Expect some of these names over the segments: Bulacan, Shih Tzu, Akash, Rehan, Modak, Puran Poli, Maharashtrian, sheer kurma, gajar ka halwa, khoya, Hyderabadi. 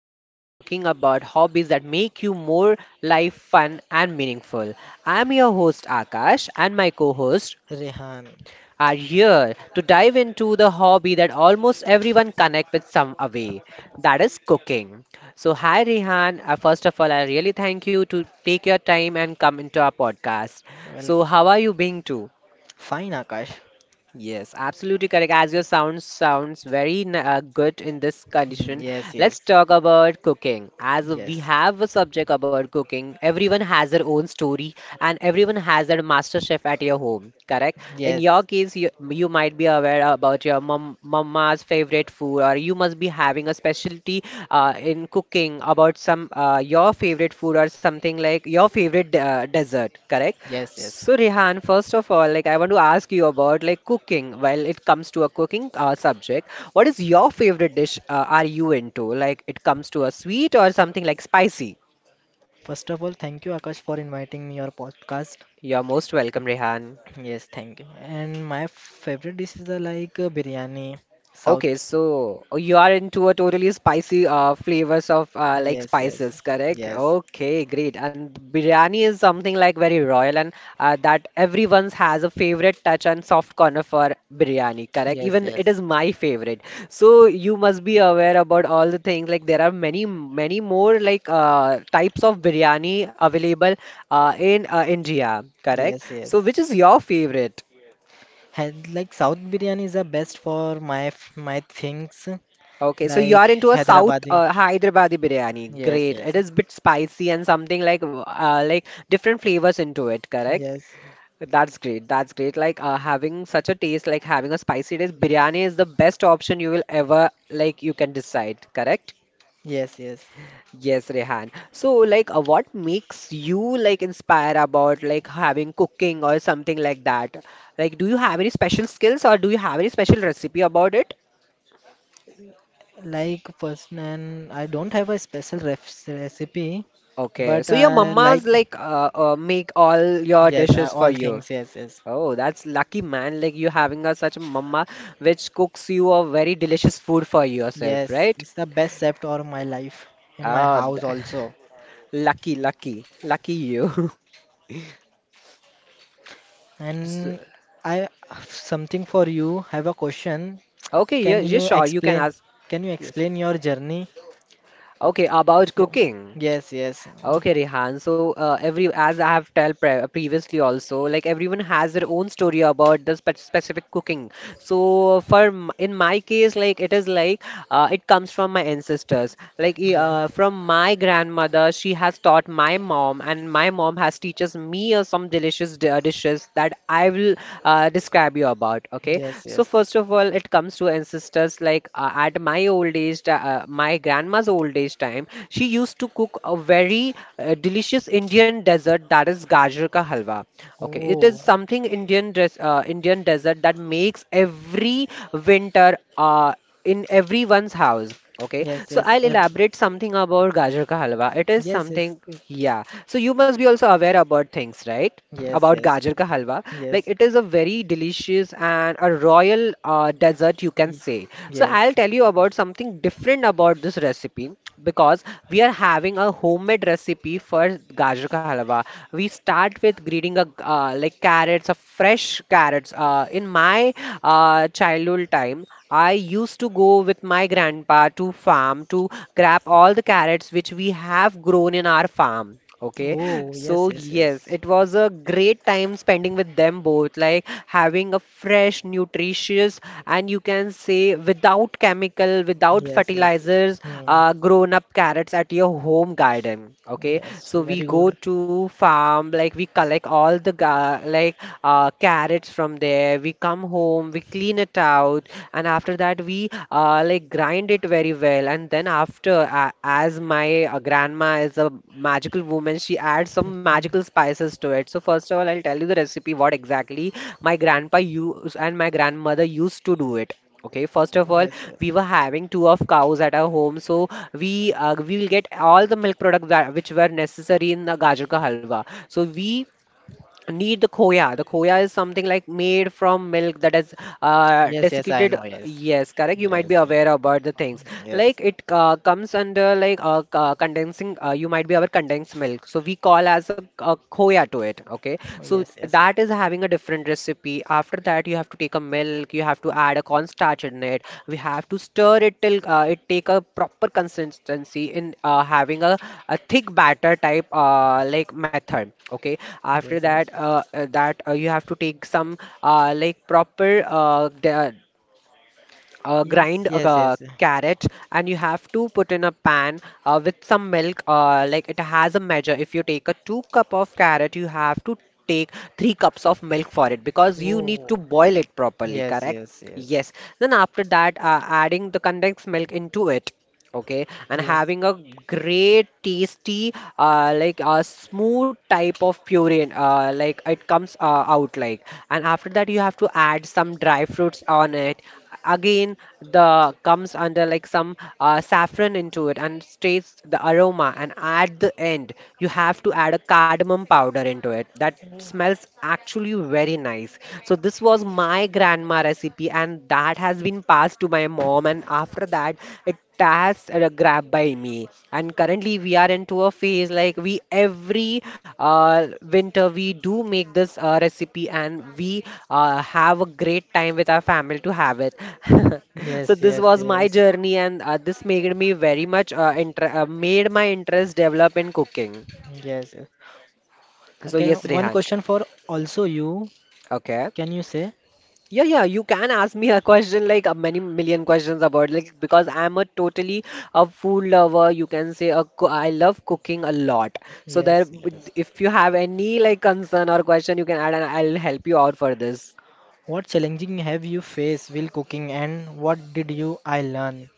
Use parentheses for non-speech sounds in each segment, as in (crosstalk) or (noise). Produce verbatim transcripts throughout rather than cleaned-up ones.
we are talking about hobbies that make you more life fun and meaningful. I'm your host Akash and my co-host Rehan, are here to dive into the hobby that almost everyone connect with some way, that is cooking. So hi Rehan, uh, first of all I really thank you to take your time and come into our podcast. So how welcome. are you being too? Fine, Akash. Yes, absolutely correct. As your sound sounds very n- uh, good in this Hmm, condition, yes, let's yes, talk about cooking. As we yes, have a subject about cooking, everyone has their own story and everyone has their master chef at your home, correct? In yes, your case, you, you might be aware about your mom, mama's favorite food, or you must be having a specialty uh, in cooking about some uh, your favorite food or something like your favorite uh, dessert, correct? yes, yes. So Rehan, first of all, like I want to ask you about like cooking. While it comes to a cooking uh, subject, what is your favorite dish? Uh, are you into like it comes to a sweet or something like spicy? First of all, thank you, Akash, for inviting me your podcast. You're most welcome, Rehan. Yes, thank you. And my favorite dish is are like uh, biryani, South. Okay, so oh, you are into a totally spicy uh, flavors of uh, like Yes, yes, spices, correct? yes, Okay, great. And biryani is something like very royal and uh, that everyone's has a favorite touch and soft corner for biryani, correct? yes, Even it yes, is my favorite. So you must be aware about all the things like there are many many more like uh, types of biryani available uh, in uh, India, correct? yes, So yes. which is your favorite? And like South biryani is the best for my f- my things Okay, so you like are into a South Hyderabadi. uh, Hyderabadi biryani. Yes, Great. It yes, is bit spicy and something like uh, like different flavors into it, correct? yes, That's great. That's great. Like uh, having such a taste, like having a spicy taste, biryani is the best option you will ever like you can decide, correct? yes, yes. Yes, Rehan. So, like, uh, what makes you like inspire about like having cooking or something like that? Like, do you have any special skills or do you have any special recipe about it? Like person, I don't have a special ref recipe, Okay, but so your I mamas like like uh, uh make all your yes, I, dishes all for you. things yes, yes, Oh, that's lucky man. Like you having a such a mama which cooks you a very delicious food for yourself, yes. right? It's the best chef of my life in my Oh, house th- also. (laughs) lucky, lucky, lucky you. (laughs) So- And I have something for you. Have a question. okay, yeah, Can yeah, you sure, you can explain? ask. Can you Yes. explain your journey? Okay, about Wo- cooking. Yes, yes, mm, Okay, Rehan. So, uh, every as I have tell pre previously also, like everyone has their own story about the spe specific cooking. So, for m in my case, like it is like uh, it comes from my ancestors. Like e- yeah, uh, from my grandmother, she has taught my mom, and my mom has teaches me uh, some delicious di uh, dishes that I will uh, describe you about. Okay. yes, So, yes. first of all, it comes to ancestors like uh, at my old age, ti- uh, my grandma's old age time, she used to cook a very uh, delicious Indian dessert that is gajar ka halwa. Okay, it is Oh, something Indian dress, uh, Indian dessert that makes every winter. Uh, in everyone's house. Okay, yes, so yes, I'll ev- elaborate something about gajar ka halwa, it is yes, something, yes, yeah. So you must be also aware about things, right? yes, About yes, gajar ka halwa, like yes, it is a very delicious and a royal uh, dessert, you can ye- say. So I'll yes. tell you about something different about this recipe, because we are having a homemade recipe for gajar ka halwa. We start with greeting a uh, like carrots, a fresh carrots. Uh, in my uh, childhood time I used to go with my grandpa to farm to grab all the carrots which we have grown in our farm. Okay, Oh, yes, so yes, yes, yes. it was a great time spending with them both, like having a fresh, nutritious, and you can say without chemical, without Yes, yes. Yes. fertilizers, Hmm. uh, grown up carrots at your home garden. Okay, Yes, so very we good. go to farm, like we collect all the ga like uh, carrots from from there, we come home, we clean it out, and after that we uh, like grind it very well. And then after, uh, as my uh, grandma is a magical woman, she adds some magical (laughs) spices to it. So first of all, I'll tell you the recipe what exactly my grandpa used and my grandmother used to do it. Okay, first of all, Yes, yes. we were having two of cows at our home, so we uh, we will get all the milk products that which were necessary in the gajar ka halwa. So we need the khoya, the khoya is something like made from milk that is uh, Yes, yes, I desiccated, know. Yes. yes, correct. You might be Yes. aware about the things, Yes. Yes. like it uh, comes under like uh, co- condensing. Uh, you might be aware condensed milk, so we call as a, a khoya to it. Okay, Oh, so yes, yes. that is having a different recipe. After that you have to take a milk, you have to add a cornstarch in it, we have to stir it till uh, it take a proper consistency in uh, having a, a thick batter type uh, like method. Okay, after Yes, that yes. uh, uh, that uh, you have to take some uh, like proper uh, the- uh, Yes, grind a uh, yes, ca- yes. carrot, and you have to put in a pan uh, with some milk. Uh, like it has a measure, if you take a two cup of carrot, you have to take three cups of milk for it, because you need to Oh. boil it properly, Yes, correct? yes, yes. Yes. Then after that uh, adding the condensed milk into it. Okay, and Yes. having a great tasty uh, like a smooth type of puree, uh, like it comes uh, out. Like and after that you have to add some dry fruits on it. Again the comes under like some uh, saffron into it, and stays the aroma. And at the end you have to add a cardamom powder into it that Oh. smells actually very nice. So this was my grandma recipe, and that has been passed to my mom. And after that, it has uh, grabbed by me. And currently, we are into a phase like we every uh, winter we do make this uh, recipe, and we uh, have a great time with our family to have it. (laughs) So Yes, this yes, was my yes. journey, and uh, this made me very much uh, inter- uh, made my interest develop in cooking. Yes. Yes. So Okay, yes, one Rehan. question for also you. Okay. Can you say? Yeah, yeah, you can ask me a question like a many million questions about like because I'm a totally a food lover. You can say a co I love cooking a lot. So there, Yes, yes. if you have any like concern or question, you can add and I'll help you out for this. What challenging have you faced while cooking and what did you I learn?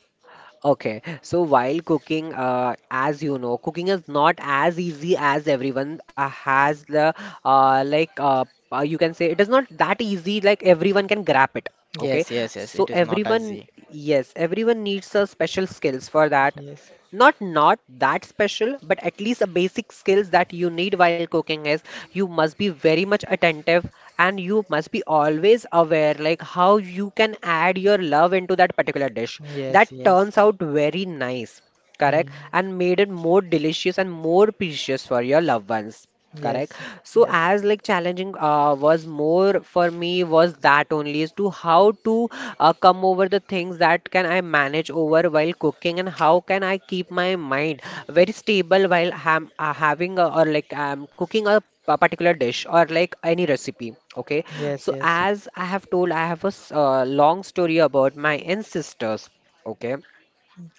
Okay, so while cooking, uh, as you know, cooking is not as easy as everyone uh, has the uh, like uh, uh, you can say it is not that easy like everyone can grab it. Okay, Yes, yes, yes. so It is not everyone, easy. yes, everyone needs a special skills for that, Yes, not not that special, but at least a basic skills that you need while cooking is you must be very much attentive, and you must be always aware like how you can add your love into that particular dish that yes, yes. turns out very nice, correct, Mm, and made it more delicious and more precious for your loved ones. Correct. yes, So yes, as like challenging uh, was more for me was that only is to how to uh, come over the things that can I manage over while cooking and how can I keep my mind very stable while ham uh, having a, or like um, cooking a, a particular dish or like any recipe. Okay. yes, So yes. as I have told, I have a s- uh, long story about my ancestors. Okay.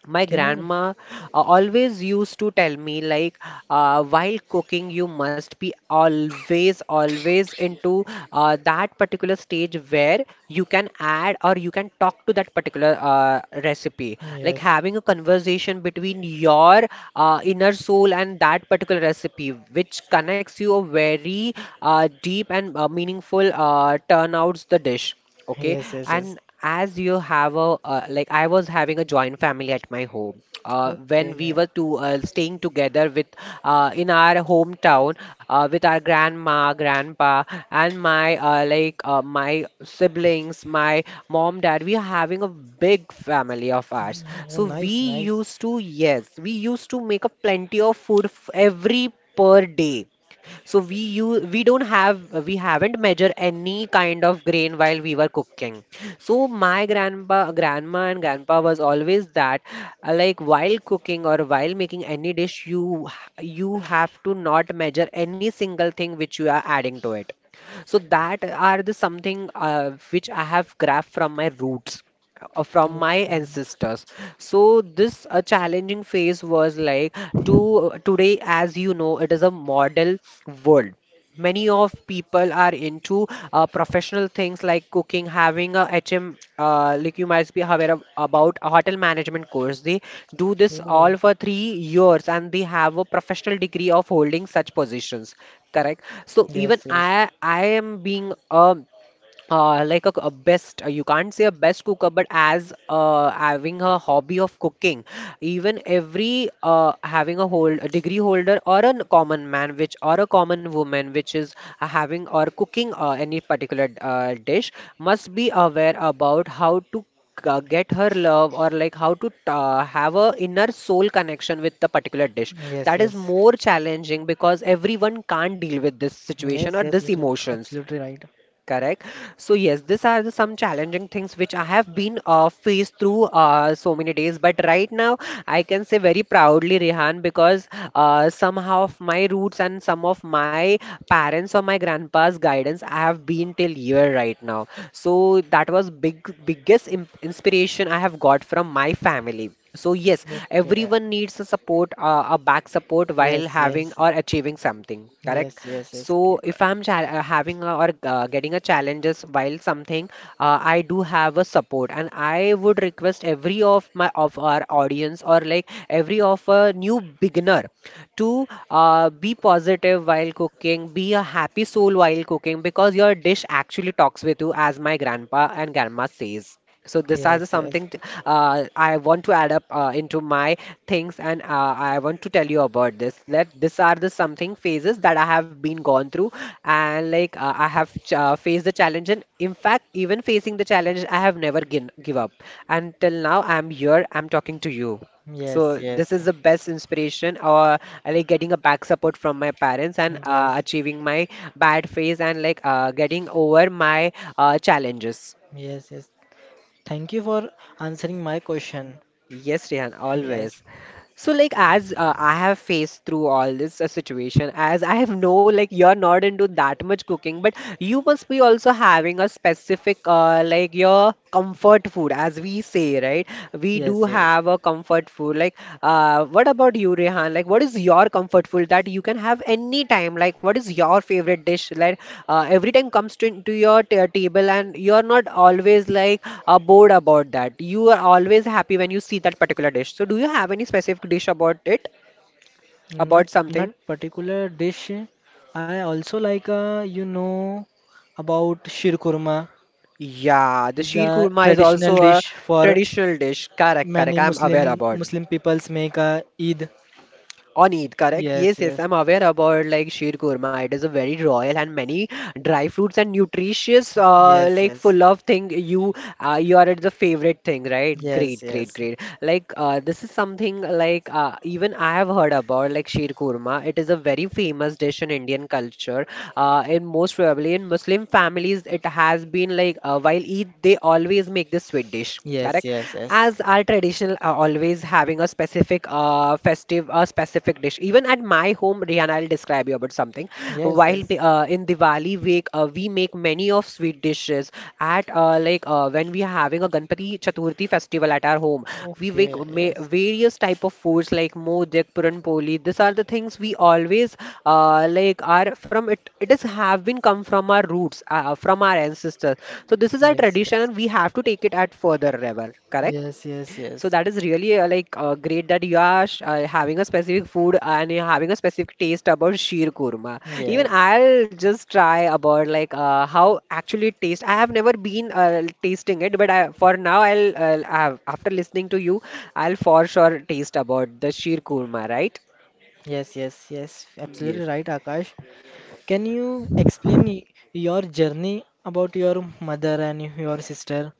My Can you? grandma uh, always used to tell me like uh, while cooking you must be always always into uh, that particular stage where you can add or you can talk to that particular uh, recipe, like Yes, having a conversation between your uh, inner soul and that particular recipe which connects you a very uh, deep and uh, meaningful uh, turnouts the dish. Okay, yes, yes, yes. and as you have a uh, like I was having a joint family at my home uh, when we Okay. were to uh, staying together with uh, in our hometown uh, with our grandma grandpa and my uh, like uh, my siblings, my mom dad, we are having a big family of ours, Mm, oh, so we nice, nice. used to yes, we used to make a plenty of food f- every per day. So we use we don't have uh, we haven't measured any kind of grain while we were cooking. So my grandpa grandma and grandpa was always that uh, like while cooking or while making any dish you h- you have to not measure any single thing which you are adding to it. So that are the something uh, which I have grabbed from my roots, uh, from my Okay. ancestors. So this uh, challenging phase was like to today. As you know, it is a model world. Many of people are into uh, professional things like cooking, having a hm uh, like you must be aware of, about a hotel management course. They do this Oh, all for three years, and they have a professional degree of holding such positions, correct? So even yes, i yes, i am being a, uh, like a, a best, uh, you can't say a best cooker, but as uh, having a hobby of cooking. Even every, uh, having a hold a degree holder or a common man which, or a common woman which is uh, having or cooking uh, any particular uh, dish, must be aware about how to uh, get her love, or like how to uh, have a inner soul connection with the particular dish. yes, That is yes. more challenging, because everyone can't deal with this Yes, situation or yes. this It is emotions. absolutely right. Correct. So yes, these are the some challenging things which I have been uh, faced through uh, so many days. But right now, I can say very proudly, Rehan, because uh, somehow of my roots and some of my parents or my grandpa's guidance, I have been till here right now. So that was big biggest imp- inspiration I have got from my family. So yes, Okay. everyone needs a support, uh, a back support while Yes, having yes, or achieving something, correct? yes, yes, yes. Keep So if up. I'm cha uh, having a, or uh, getting a challenges while something, uh, I do have a support, and I would request every of my of our audience, or like every of a new beginner to uh, be positive while cooking, be a happy soul while cooking, because your dish actually talks with you, as my grandpa and grandma says. So this is Yes, yes, something t- uh, I want to add up uh, into my things, and uh, I want to tell you about this. Let these are the something phases that I have been gone through, and like uh, I have ch uh, faced the challenge, and in fact, even facing the challenge, I have never gin give up. Until now, I'm here. I'm talking to you. So yes, this yes, is the best inspiration, or uh, like getting a back support from my parents, and uh, yes, achieving my bad phase, and like uh, getting over my uh, challenges. yes, yes. Thank you for answering my question. Yes, Rehan, Yes, always. So, like, as uh, I have faced through all this uh, situation, as I have know, like, you're not into that much cooking, but you must be also having a specific, uh, like, your comfort food, as we say, right? We yes, do yes. have a comfort food. Like, uh, what about you, Rehan? Like, what is your comfort food that you can have any time? Like, what is your favorite dish? Like, uh, every time comes to, to your ta- table, and you are not always like uh, bored about that. You are always happy when you see that particular dish. So, do you have any specific dish about it? Not About not something? particular dish. I also like uh, you know about shir kurma. Yeah, the Is sheer a kurma is traditional also a dish for traditional dish. Correct, many correct. I'm Muslim aware about. Muslim peoples make a Eid. On Eid, correct? Yes, Yes, yes, yes, I'm aware about like sheer kurma. It is a very royal, and many dry fruits and nutritious, uh, yes, like yes, full of thing. You, uh, you are at the favorite thing, right? yes, Great, great, yes, great. Like, uh, this is something like uh, even I have heard about like sheer kurma. It is a very famous dish in Indian culture. Uh, in most probably in Muslim families, it has been like uh, while Eid they always make this sweet dish, yes, correct, yes, yes, as our traditional, uh, always having a specific, uh, festive a specific dish, even at my home. Rihanna, I'll describe you about something. yes, while yes. we- uh, in Diwali week, uh, we make many of sweet dishes at, uh, like uh, when we are having a Ganpati Chaturthi Murti festival at our home. We make Okay, ma- yes, various type of foods like Modak, Puran Poli. These are the things we always uh, like are from it. It is have been come from our roots, uh, from our ancestors. So this is our yes, tradition, yes, and we have to take it at further level. Correct? yes, yes, yes. So Yes, that is really uh, like uh, great that you are sh- uh, having a specific food, and you're having a specific taste about sheer kurma. Even yes, I'll just try about like uh, how actually it tastes. I have never been uh, tasting it, but I, for now I'll, uh, have, after listening to you, I'll for sure taste about the sheer kurma, right? yes, yes. Yes, absolutely Yes. right, Akash. Can you explain y- your journey about your mother and your sister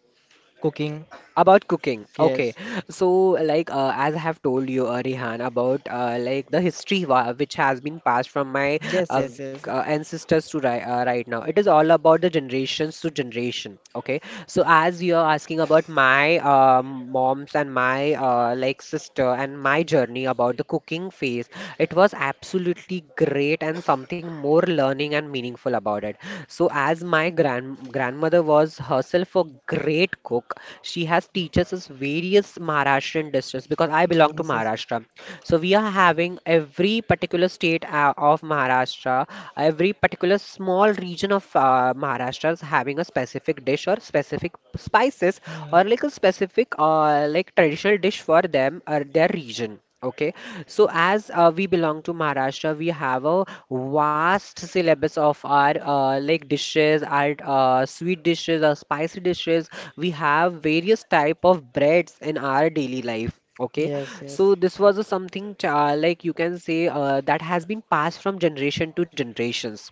cooking? About cooking, okay. Yes, So, like, uh, as I have told you, uh, Rihan, about uh, like the history wa- which has been passed from my yes, uh, yes, yes, g- uh, ancestors to ri uh, right now. It is all about the generations to generation, okay. So, as you are asking about my um, mom's and my uh, like sister and my journey about the cooking phase, it was absolutely great and something something more learning and meaningful about it. So, as my grand grandmother was herself a great cook, she has teaches us various Maharashtrian dishes because I belong to yes, yes, Maharashtra. So, we are having every particular state uh, of Maharashtra, every particular small region of, uh, Maharashtra is having a specific dish or specific spices, mm. or like a specific uh, like traditional dish for them or their region. Okay, so as uh, we belong to Maharashtra, we have a vast syllabus of our uh, like dishes, our uh, sweet dishes, our spicy dishes. We have various type of breads in our daily life. Okay, Yes, yes, so this was a something uh, like you can say uh, that has been passed from generation to generations.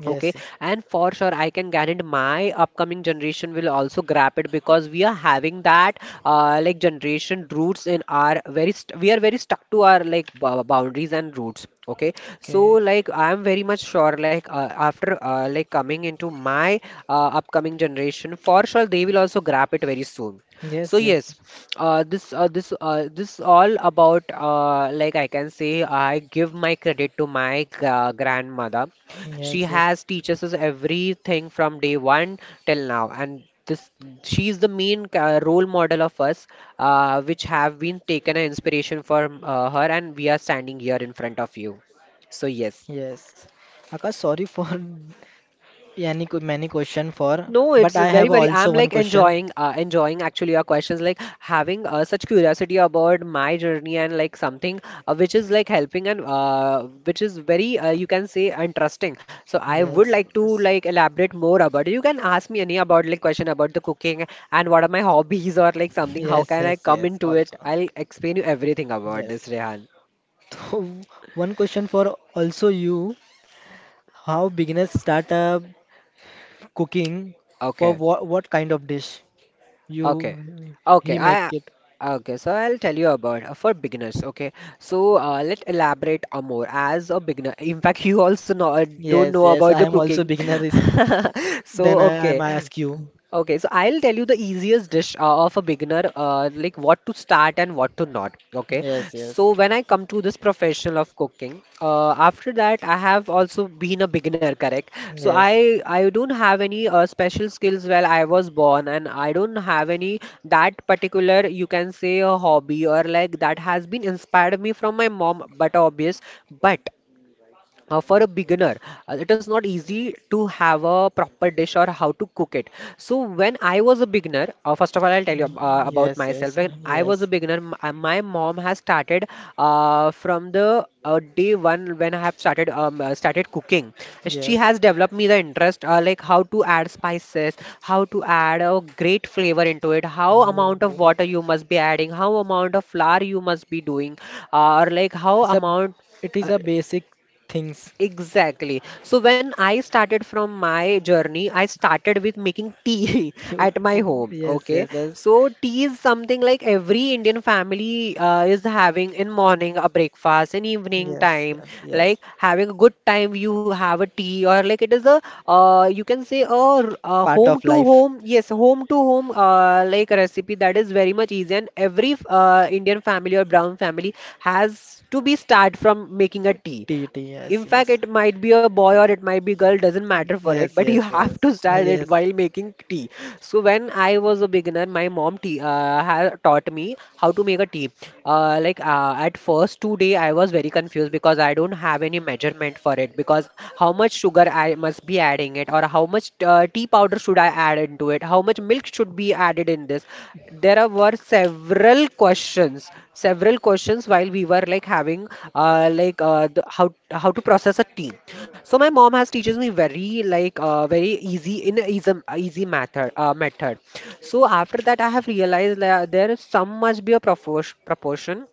Okay, and for sure, I can guarantee my upcoming generation will also grab it, because we are having that uh, like generation roots in our very st we are very stuck to our like bou- boundaries and roots. Okay, so Okay, like I am very much sure like uh, after uh, like coming into my uh, upcoming generation, for sure they will also grab it very soon. So yes, yes, yes, uh, this uh, this uh, this all about uh, like I can say, I give my credit to my gra- grandmother. She yes, yes, has teaches us everything from day one till now, and this she is the main ca- role model of us, uh, which have been taken an inspiration from, uh, her, and we are standing here in front of you. So yes. yes. Akash, sorry for (laughs) any co- many question for, No, but it's I very, have very. also I'm one like question. enjoying, uh, enjoying actually your questions, like having uh, such curiosity about my journey and like something uh, which is like helping, and uh, which is very, uh, you can say, interesting. So I would Yes, like to yes, like elaborate more about it. You can ask me any about like question about the cooking and what are my (laughs) hobbies or like something. How yes, can I yes, come yes. into it? Also, I'll explain you everything about yes. this, Rehan. So (laughs) one question for also you. How beginners start a cooking for Okay. what what kind of dish you Okay. Okay. he make I it? okay. So I'll tell you about uh, for beginners. Okay. So uh, let's elaborate uh, more as a beginner. In fact, (laughs) you also know uh, don't Yes, know yes. about I the am also cooking. (laughs) beginner. Is So then I okay. am ask you. Okay, so I'll tell you the easiest dish uh, of a beginner, uh, like what to start and what to not. Okay, Yes, so yes, when I come to this professional of cooking, uh, after that I have also been a beginner, correct? So yes, I I don't have any uh, special skills while I was born, and I don't have any that particular you can say a hobby, or like that has been inspired me from my mom, but obvious. But uh, for a beginner uh, it is not easy to have a proper dish or how to cook it. So when I was a beginner, uh, first of all I'll tell you ab- uh, about yes, myself. yes, When I was a yes, beginner, m- uh, my mom has started uh, from the uh, day one when I have started um, uh, started cooking. She yes. has developed me the interest, uh, like how to add spices, how to add a great flavor into it, how amount of water you must be adding, how amount of flour you must be doing, uh, or like how It's a amount, it uh, is a basic things. Exactly. So when I started from my journey, I started with making tea (laughs) (laughs) You, at my home. yes, Okay. yes, yes, So tea is something like every Indian family uh, is having in morning a breakfast, in evening yes, time, yes, like yes. having a good time. You have a tea or like it is a uh, you can say a, r- a Part home of to life. home. Yes, home to home uh, like recipe that is very much easy, and every uh, Indian family or brown family has to be start from making a tea. T E T. Yes, In fact, yes, it might be a boy or it might be girl, doesn't matter for it, yes, but (laughs) you yes, have yes, to start it yes, while making tea. So when I was a beginner, my mom tea, uh, had taught me how to make a tea. Uh, like uh, at first two day, I was very confused because I don't have any measurement for it, because how much sugar I must be adding it, or how much uh, tea powder should I add into it, how much milk should be added in this. There are- were several questions, several questions while we were like having uh, like uh, the, how how to process a team. So my mom has teaches me very like uh, very easy in a easy easy method uh, method so after that I have realized that there is some must be a propor- proportion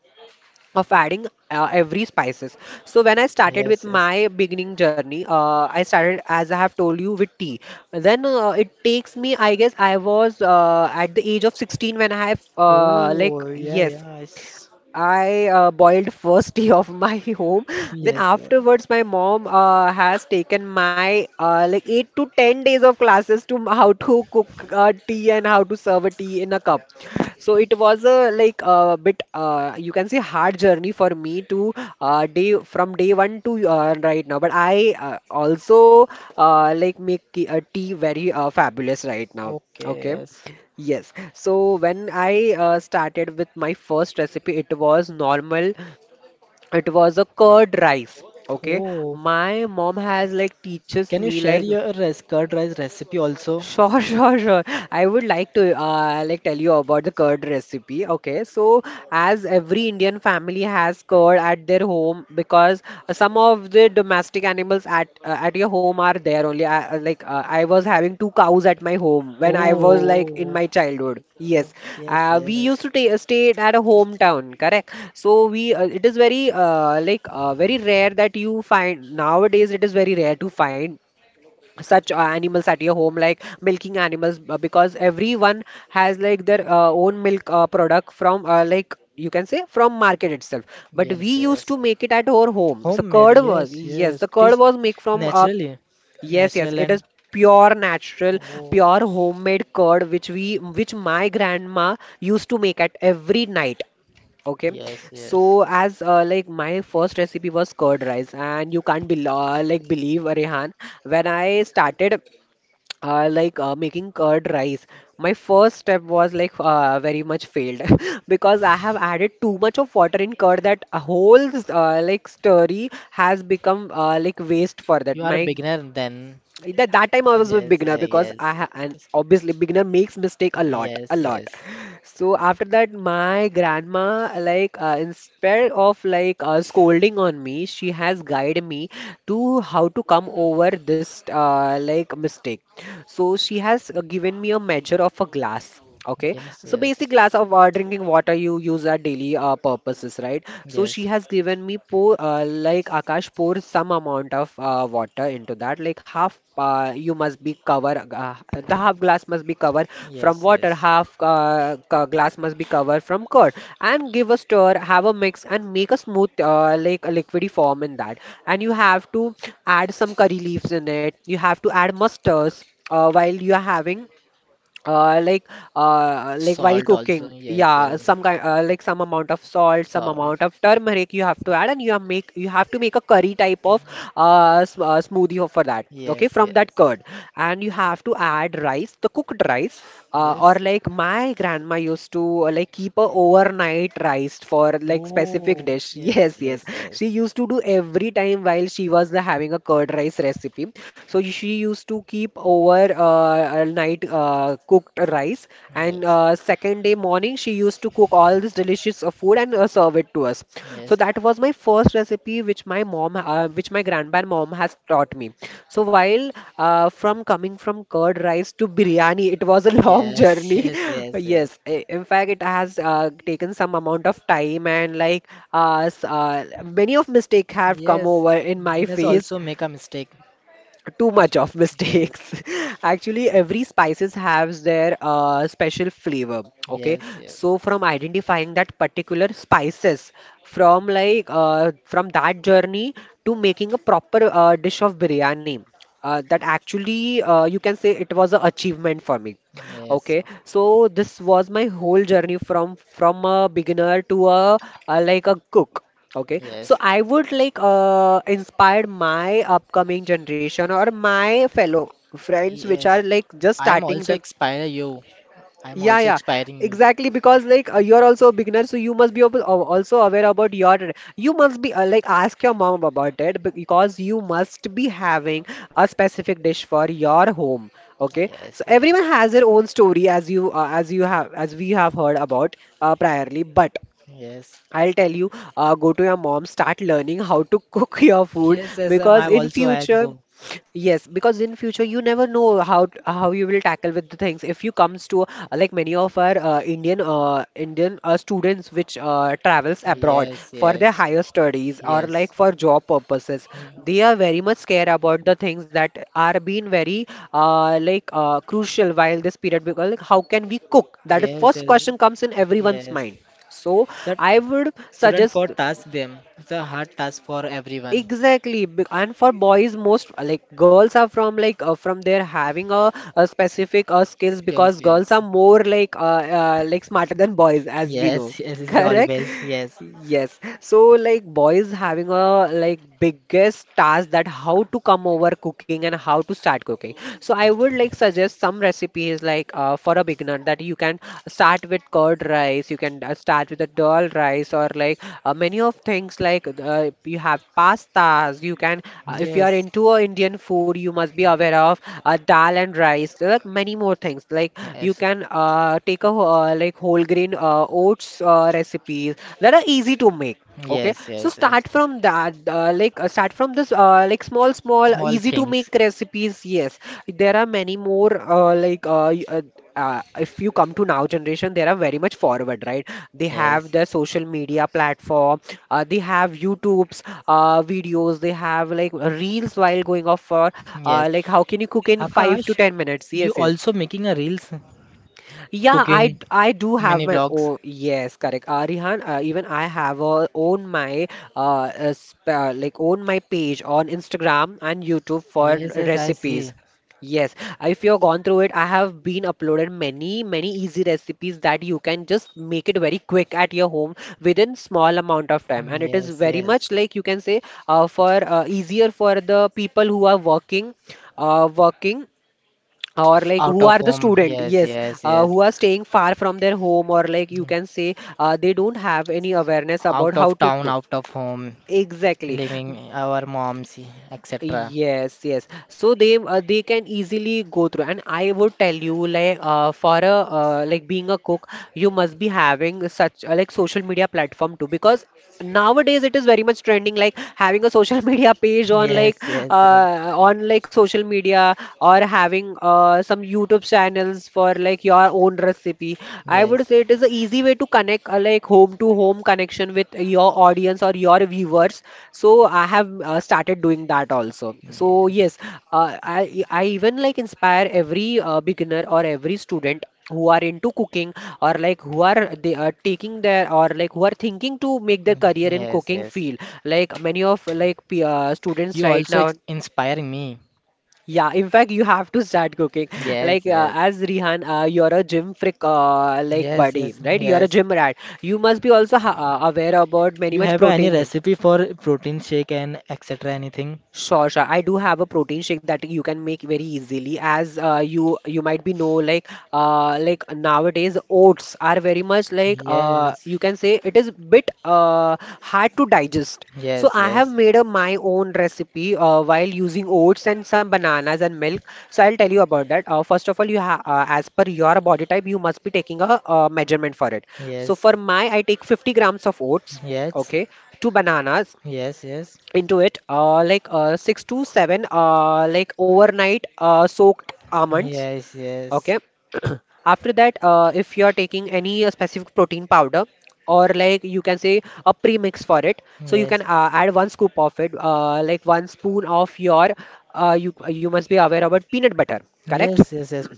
of adding uh, every spices. So when I started with yes, yes. my beginning journey, uh, I started, as I have told you, with tea. Then uh, it takes me, I guess I was uh, at the age of sixteen when I have uh, like Oh, yeah, yes, yeah. Yes, I uh, boiled first (laughs) tea of my (laughs) home. (laughs) Then yes. Yes. afterwards, my mom uh, has taken my uh, like eight to ten days of classes to m- how to cook uh, tea and how to serve a tea in a cup. So it was a like a bit, uh, you can say, hard journey for me to uh, day from day one to uh, right now. But I uh, also uh, like make ki- uh, tea very uh, fabulous right now. Okay, Okay. yes. Yes. So when I uh, started with my first recipe, it was normal. It was a curd rice. Okay. Oh, My mom has like teaches can you me share like. your res curd rice recipe also? Sure, (laughs) sure, sure. I would like to uh, like tell you about the curd recipe. Okay, so as every Indian family has curd at their home, because uh, some of the domestic animals at uh, at your home are there only. I, uh, like uh, I was having two cows at my home when I was like in Oh, my childhood. oh, Yes, yes, uh, we used yes. to ta stay at a hometown, correct? So we uh, it is very uh, like uh, very rare that you find nowadays. It is very rare to find such uh, animals at your home, like milking animals, uh, because everyone has like their uh, own milk uh, product from, uh, like, you can say, from market itself. But we Yes, used yes. to make it at our home. So Homemade. curd was, Yes, yes, yes. the It curd is was made from, uh, naturally. yes, yes, Natural it is and pure natural, oh, pure homemade curd, which we which my grandma used to make at every night. Okay, yes, yes. so as uh, like my first recipe was curd rice, and you can't be, uh, like believe, uh, Rehan, when I started uh, like uh, making curd rice, my first step was like uh, very much failed (laughs) because I have added too much of water in curd that a whole, uh, like story has become, uh, like waste for You that. are a My beginner then. that that time I was a Yes, beginner, eh, because I yes. ha and It is. obviously beginner makes mistake a lot, a Yes, lot. yes. So after that, my grandma, like, uh, instead of like, uh, scolding on me, she has guided me to how to come over this, uh, like mistake. So she has uh, given me a measure of a glass. Okay, Yes, so basic yes. glass of uh, drinking water you use at daily uh, purposes, right? So she Yes, has given me, pour, uh, like Akash, pour some amount of uh, water into that. Like half, uh, you must be cover. Uh, the half glass must be covered from yes, water. yes. Half uh, ca- glass must be covered from curd. And give a stir. Have a mix and make a smooth, uh, like a liquidy form in that. And you have to add some curry leaves in it. You have to add mustards, uh, while you are having uh like uh like while Salt also, cooking, yes, yeah, yes. some kind, uh, like some amount of salt, some Salt. amount of turmeric you have to add, and you have make you have to make a curry type of, Ye- uh, s- uh smoothie for that, okay, Yes, from that yes. curd. And you have to add rice, the cooked rice, uh, or Yes. like my grandma used to, uh, like, keep a overnight rice for like specific Oh, dish, (laughs) yes, yes, yes. yes, She yes. used to do every time while she was uh, having a curd rice recipe. So she used to keep over uh, uh, night uh, cooked rice, and Yes, uh, second day morning she used to cook all this delicious uh, food and uh, uh, serve it to us. So yes. that was my first recipe, which my mom, uh, which my grandpa mom has taught me. So, while uh, from coming from curd rice to biryani, it was a (laughs) long Yes, (laughs) journey. (laughs) yes, yes, yes. Yes, i- in fact, it has uh, taken some amount of time, and like, uh, s- uh, many of mistake have come Yes. over in my (laughs) Venus face. also make a mistake. Too much of mistakes. Yes. (laughs) Actually, every spices has their uh, special flavor. Okay, Yes, yes. so from identifying that particular spices, from like, uh, from that journey, to making a proper uh, dish of biryani, uh, that actually, uh, you can say, it was an achievement for me. Yes. Okay, so this was my whole journey, from from a beginner to a, a like a cook. Okay, so Yes. I would like, uh, inspire my upcoming generation or my fellow friends, which are Yes. like just I am starting also them. expire you. I am Yeah, also yeah, expiring you. exactly. Because like, uh, you're also a beginner, so you must be ab- uh, also aware about your. You must be, uh, like, ask your mom about it, because you must be having a specific dish for your home. Okay, so Yes, everyone yes. has their own story, as you uh, as you have as we have heard about uh, priorly, but Yes. I'll tell you, uh, go to your mom, start learning how to cook (laughs) your (laughs) food, Yes, yes, I'm because I'm in also I am future, go. yes, because in future you never know how t- how you will tackle with the things. If you comes to, uh, like, many of our uh, Indian uh, Indian uh, students, which uh, travels abroad Yes, for their yes, higher studies or yes. like for job purposes, Hmm. they are very much scared about the things that are being very, uh, like uh, crucial while this period, because like, how can we cook? That Yes, first yes, question comes in everyone's mind. yes. So That I would student suggest, for task them. It's a hard task for everyone. exactly, b- and for boys most, like, girls are from like, uh, from their having a, a specific uh, skills, Skills, because girls are yes. more like, uh, uh, like, smarter than boys, as we know, Yes, (laughs) yes, (laughs) is correct. always, yes. Yes, so like boys having a like biggest task, that how to come over cooking and how to start cooking. So I would like suggest some recipes like, uh, uh, for a beginner, that you can start with curd rice, you can, uh, start with a dal rice, or like, uh, many of things, like, uh, you have pastas, you can, uh, if you are Yes, into uh, Indian food, you must be aware of uh, dal and rice. There are many more things, like you yes. can, uh, take a wh- uh, like whole grain uh, oats uh, recipes, that are easy to make. Okay, Yes, so yes, yes. start from that, uh, like uh, start from this, uh, like small, small, Small easy to make things. recipes. Yes, there are many more. Uh, like uh, y- uh, uh, if you come to now generation, they are very much forward, right? They have Yes, their social media platform. Uh, they have YouTube's uh, videos. They have like reels while going off for, uh, yes. like, how can you cook in five to Akash, ten minutes? you Yes, yes. also making a reels? Yeah, I Cooking, d- I do have mini my vlogs. own. Yes, correct. Uh, Rihan, uh, even I have a, own my uh, uh, sp uh, like own my page on Instagram and YouTube for Yes, yes, I recipes. see. Yes, if you've gone through it, I have been uploaded many, many easy recipes that you can just make it very quick at your home within small amount of time. Mm, And it is yes, very yes. much, like, you can say, uh, for uh, easier for the people who are working, uh, working or like Out who of are the home. student, Yes, yes, yes, uh, yes. who are staying far from their home, or like you Mm. can say, uh, they don't have any awareness about Out how of to town, cook, out of home. exactly. Living our moms, et cetera. Yes, yes. So they uh, they can easily go through, and I would tell you like uh, for a uh, like being a cook, you must be having such uh, like social media platform too because nowadays it is very much trending like having a social (laughs) media page on like Yes, yes, yes, uh, on like social media or having uh, some YouTube channels for like your own recipe. I yes, would say it is an easy way to connect uh, like home to home connection with your audience or your viewers. So i have uh, started doing that also. So yes, yes, uh, i i even like inspire every uh, beginner or every student who are into cooking, or like who are they are taking their or like who are thinking to make their career mm, in yes, cooking yes. field, like many of like p- uh, students You right also now. ex- inspiring me. Yeah, in fact, you have to start cooking. Like Yes, uh, yes, as Rihan, uh, you're a gym freak, uh, like yes, buddy, yes, right? You're a yes. gym rat. You must be also ha uh, aware about many You much have any protein. Thing. recipe for protein shake and et cetera. Anything? Sure, sure. I do have a protein shake that you can make very easily. As uh, you you might be know like uh, like nowadays oats are very much like uh, Yes, you can say it is bit uh, hard to digest. So yes, I have yes, made a my own recipe uh, while using oats and some bananas and milk. So I'll tell you about that. Uh, first of all, you ha uh, as per your body type, you must be taking a, uh measurement for it. So yes, for my, I take fifty grams of oats. yes, Okay, two bananas yes, yes, yes, into it uh, like uh, six to seven uh, like overnight uh, soaked almonds. yes, yes, Okay. (clears throat) After that uh, if you are taking any uh, specific protein powder, or like you can say a premix for it, so you can yes, uh, add one scoop of it, uh, like one spoon of your uh, you you must be aware about peanut butter, correct? yes, yes.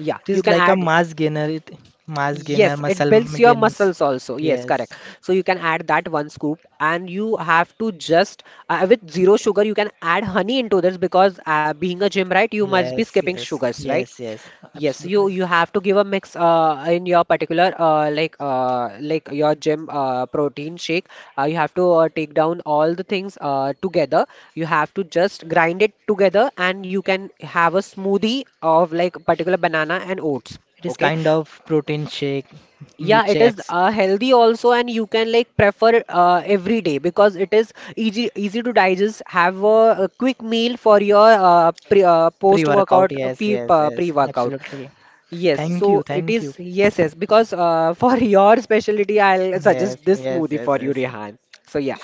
Yeah, It you is can like a add. mass gainer. It mass gainer, Yes, muscle it builds m- your gains. muscles also. Yes, Yes, correct. So you can add that one scoop, and you have to just uh, with zero sugar, you can add honey into this because uh, being a gym, right, you must be yes, skipping yes, sugars, right? yes, yes, Yes, you absolutely. you have to give a mix uh, in your particular uh, like uh, like your gym uh, protein shake. Uh, you have to uh, take down all the things uh, together. You have to just grind it together, and you can have a smoothie of like particular banana and oats. It is Okay, kind of protein shake, yeah, it milkshake, is ex- uh, healthy also, and you can like prefer uh, every day because it is easy easy to digest. Have a, a quick meal for your uh, pre uh, post workout pre-workout. uh, Yes, pre yes, uh, pre yes, workout. absolutely. Yes, Thank you, so it thank you. is yes, yes, because uh, for (laughs) your specialty, I'll Yes, suggest this yes, smoothie yes, for you, yes. Rehan. So yeah,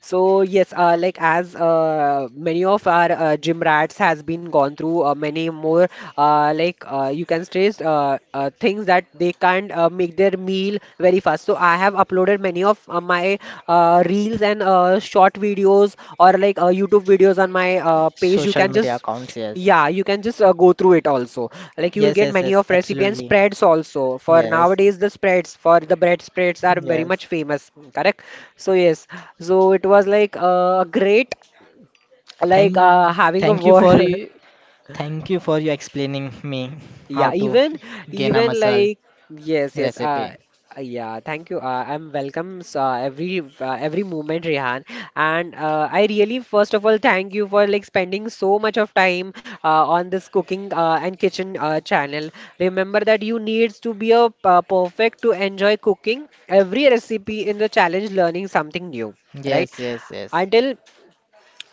so yes, uh, like as uh, many of our uh, gym rats has been gone through uh, many more uh, like uh, you can stress uh, uh, things that they can't uh, make their meal very fast. So I have uploaded many of uh, my uh, reels and uh, short videos or like uh, YouTube videos on my uh, page. You Social can media just, accounts. Yes, yeah, you can just uh, go through it also. Like you will yes, get yes, many yes, of recipe and absolutely. spreads also. For Yes, nowadays, the spreads for the bread spreads are very yes. much famous. Correct? So yes, so it was like uh, great, like uh, Thank, having a thank you for word. you, (laughs) thank you for you explaining me how Yeah, to even gain a even muscle like yes, yes. Uh, recipe. uh, yeah. Thank you. Uh, I'm welcomes uh, every uh, every moment, Rehan. And uh, I really first of all thank you for like spending so much of time uh, on this cooking uh, and kitchen uh, channel. Remember that you needs to be a uh, perfect to enjoy cooking every recipe in the challenge, learning something new, right? Yes, yes, yes. Until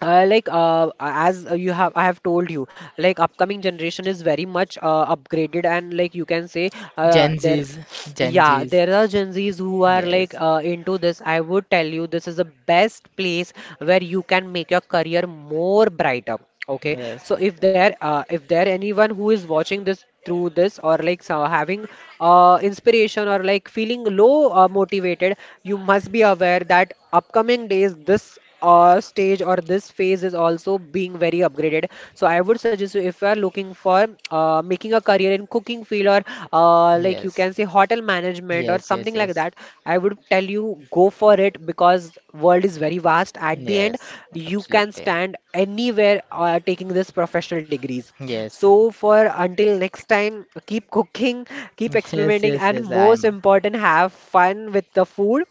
uh, like uh, as uh, you have I have told you like upcoming generation is very much uh, upgraded, and like you can say uh, Gen there Z's, Gen yeah Z's. there are Gen Zs who are like Yes, uh, into this. I would tell you this is the best place where you can make your career more brighter. Okay, yes. so if there uh, if there anyone who is watching this through this or like so having uh, inspiration or like feeling low uh, motivated, you must be aware that upcoming days this uh, stage or this phase is also being very upgraded. So I would suggest you, if you are looking for uh, making a career in cooking field, or uh, like you Yes, can say hotel management or yes, yes, something like yes, that, I would tell you go for it, because world is very vast. At the end, yes, you can absolutely. stand anywhere uh, taking this professional degrees. Yes, So for until next time, keep cooking, keep (laughs) yes, experimenting, yes, and yes, I most am. important, have fun with the food.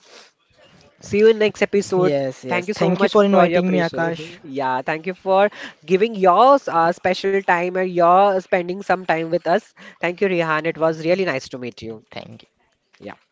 See you in next episode. Yes, yes. Thank you so Thank you much for for your inviting me, pressure. Akash. (laughs) Yeah, thank you for giving your uh, special time and your spending some time with us. Thank you, Rihan. It was really nice to meet you. Thank you. Yeah.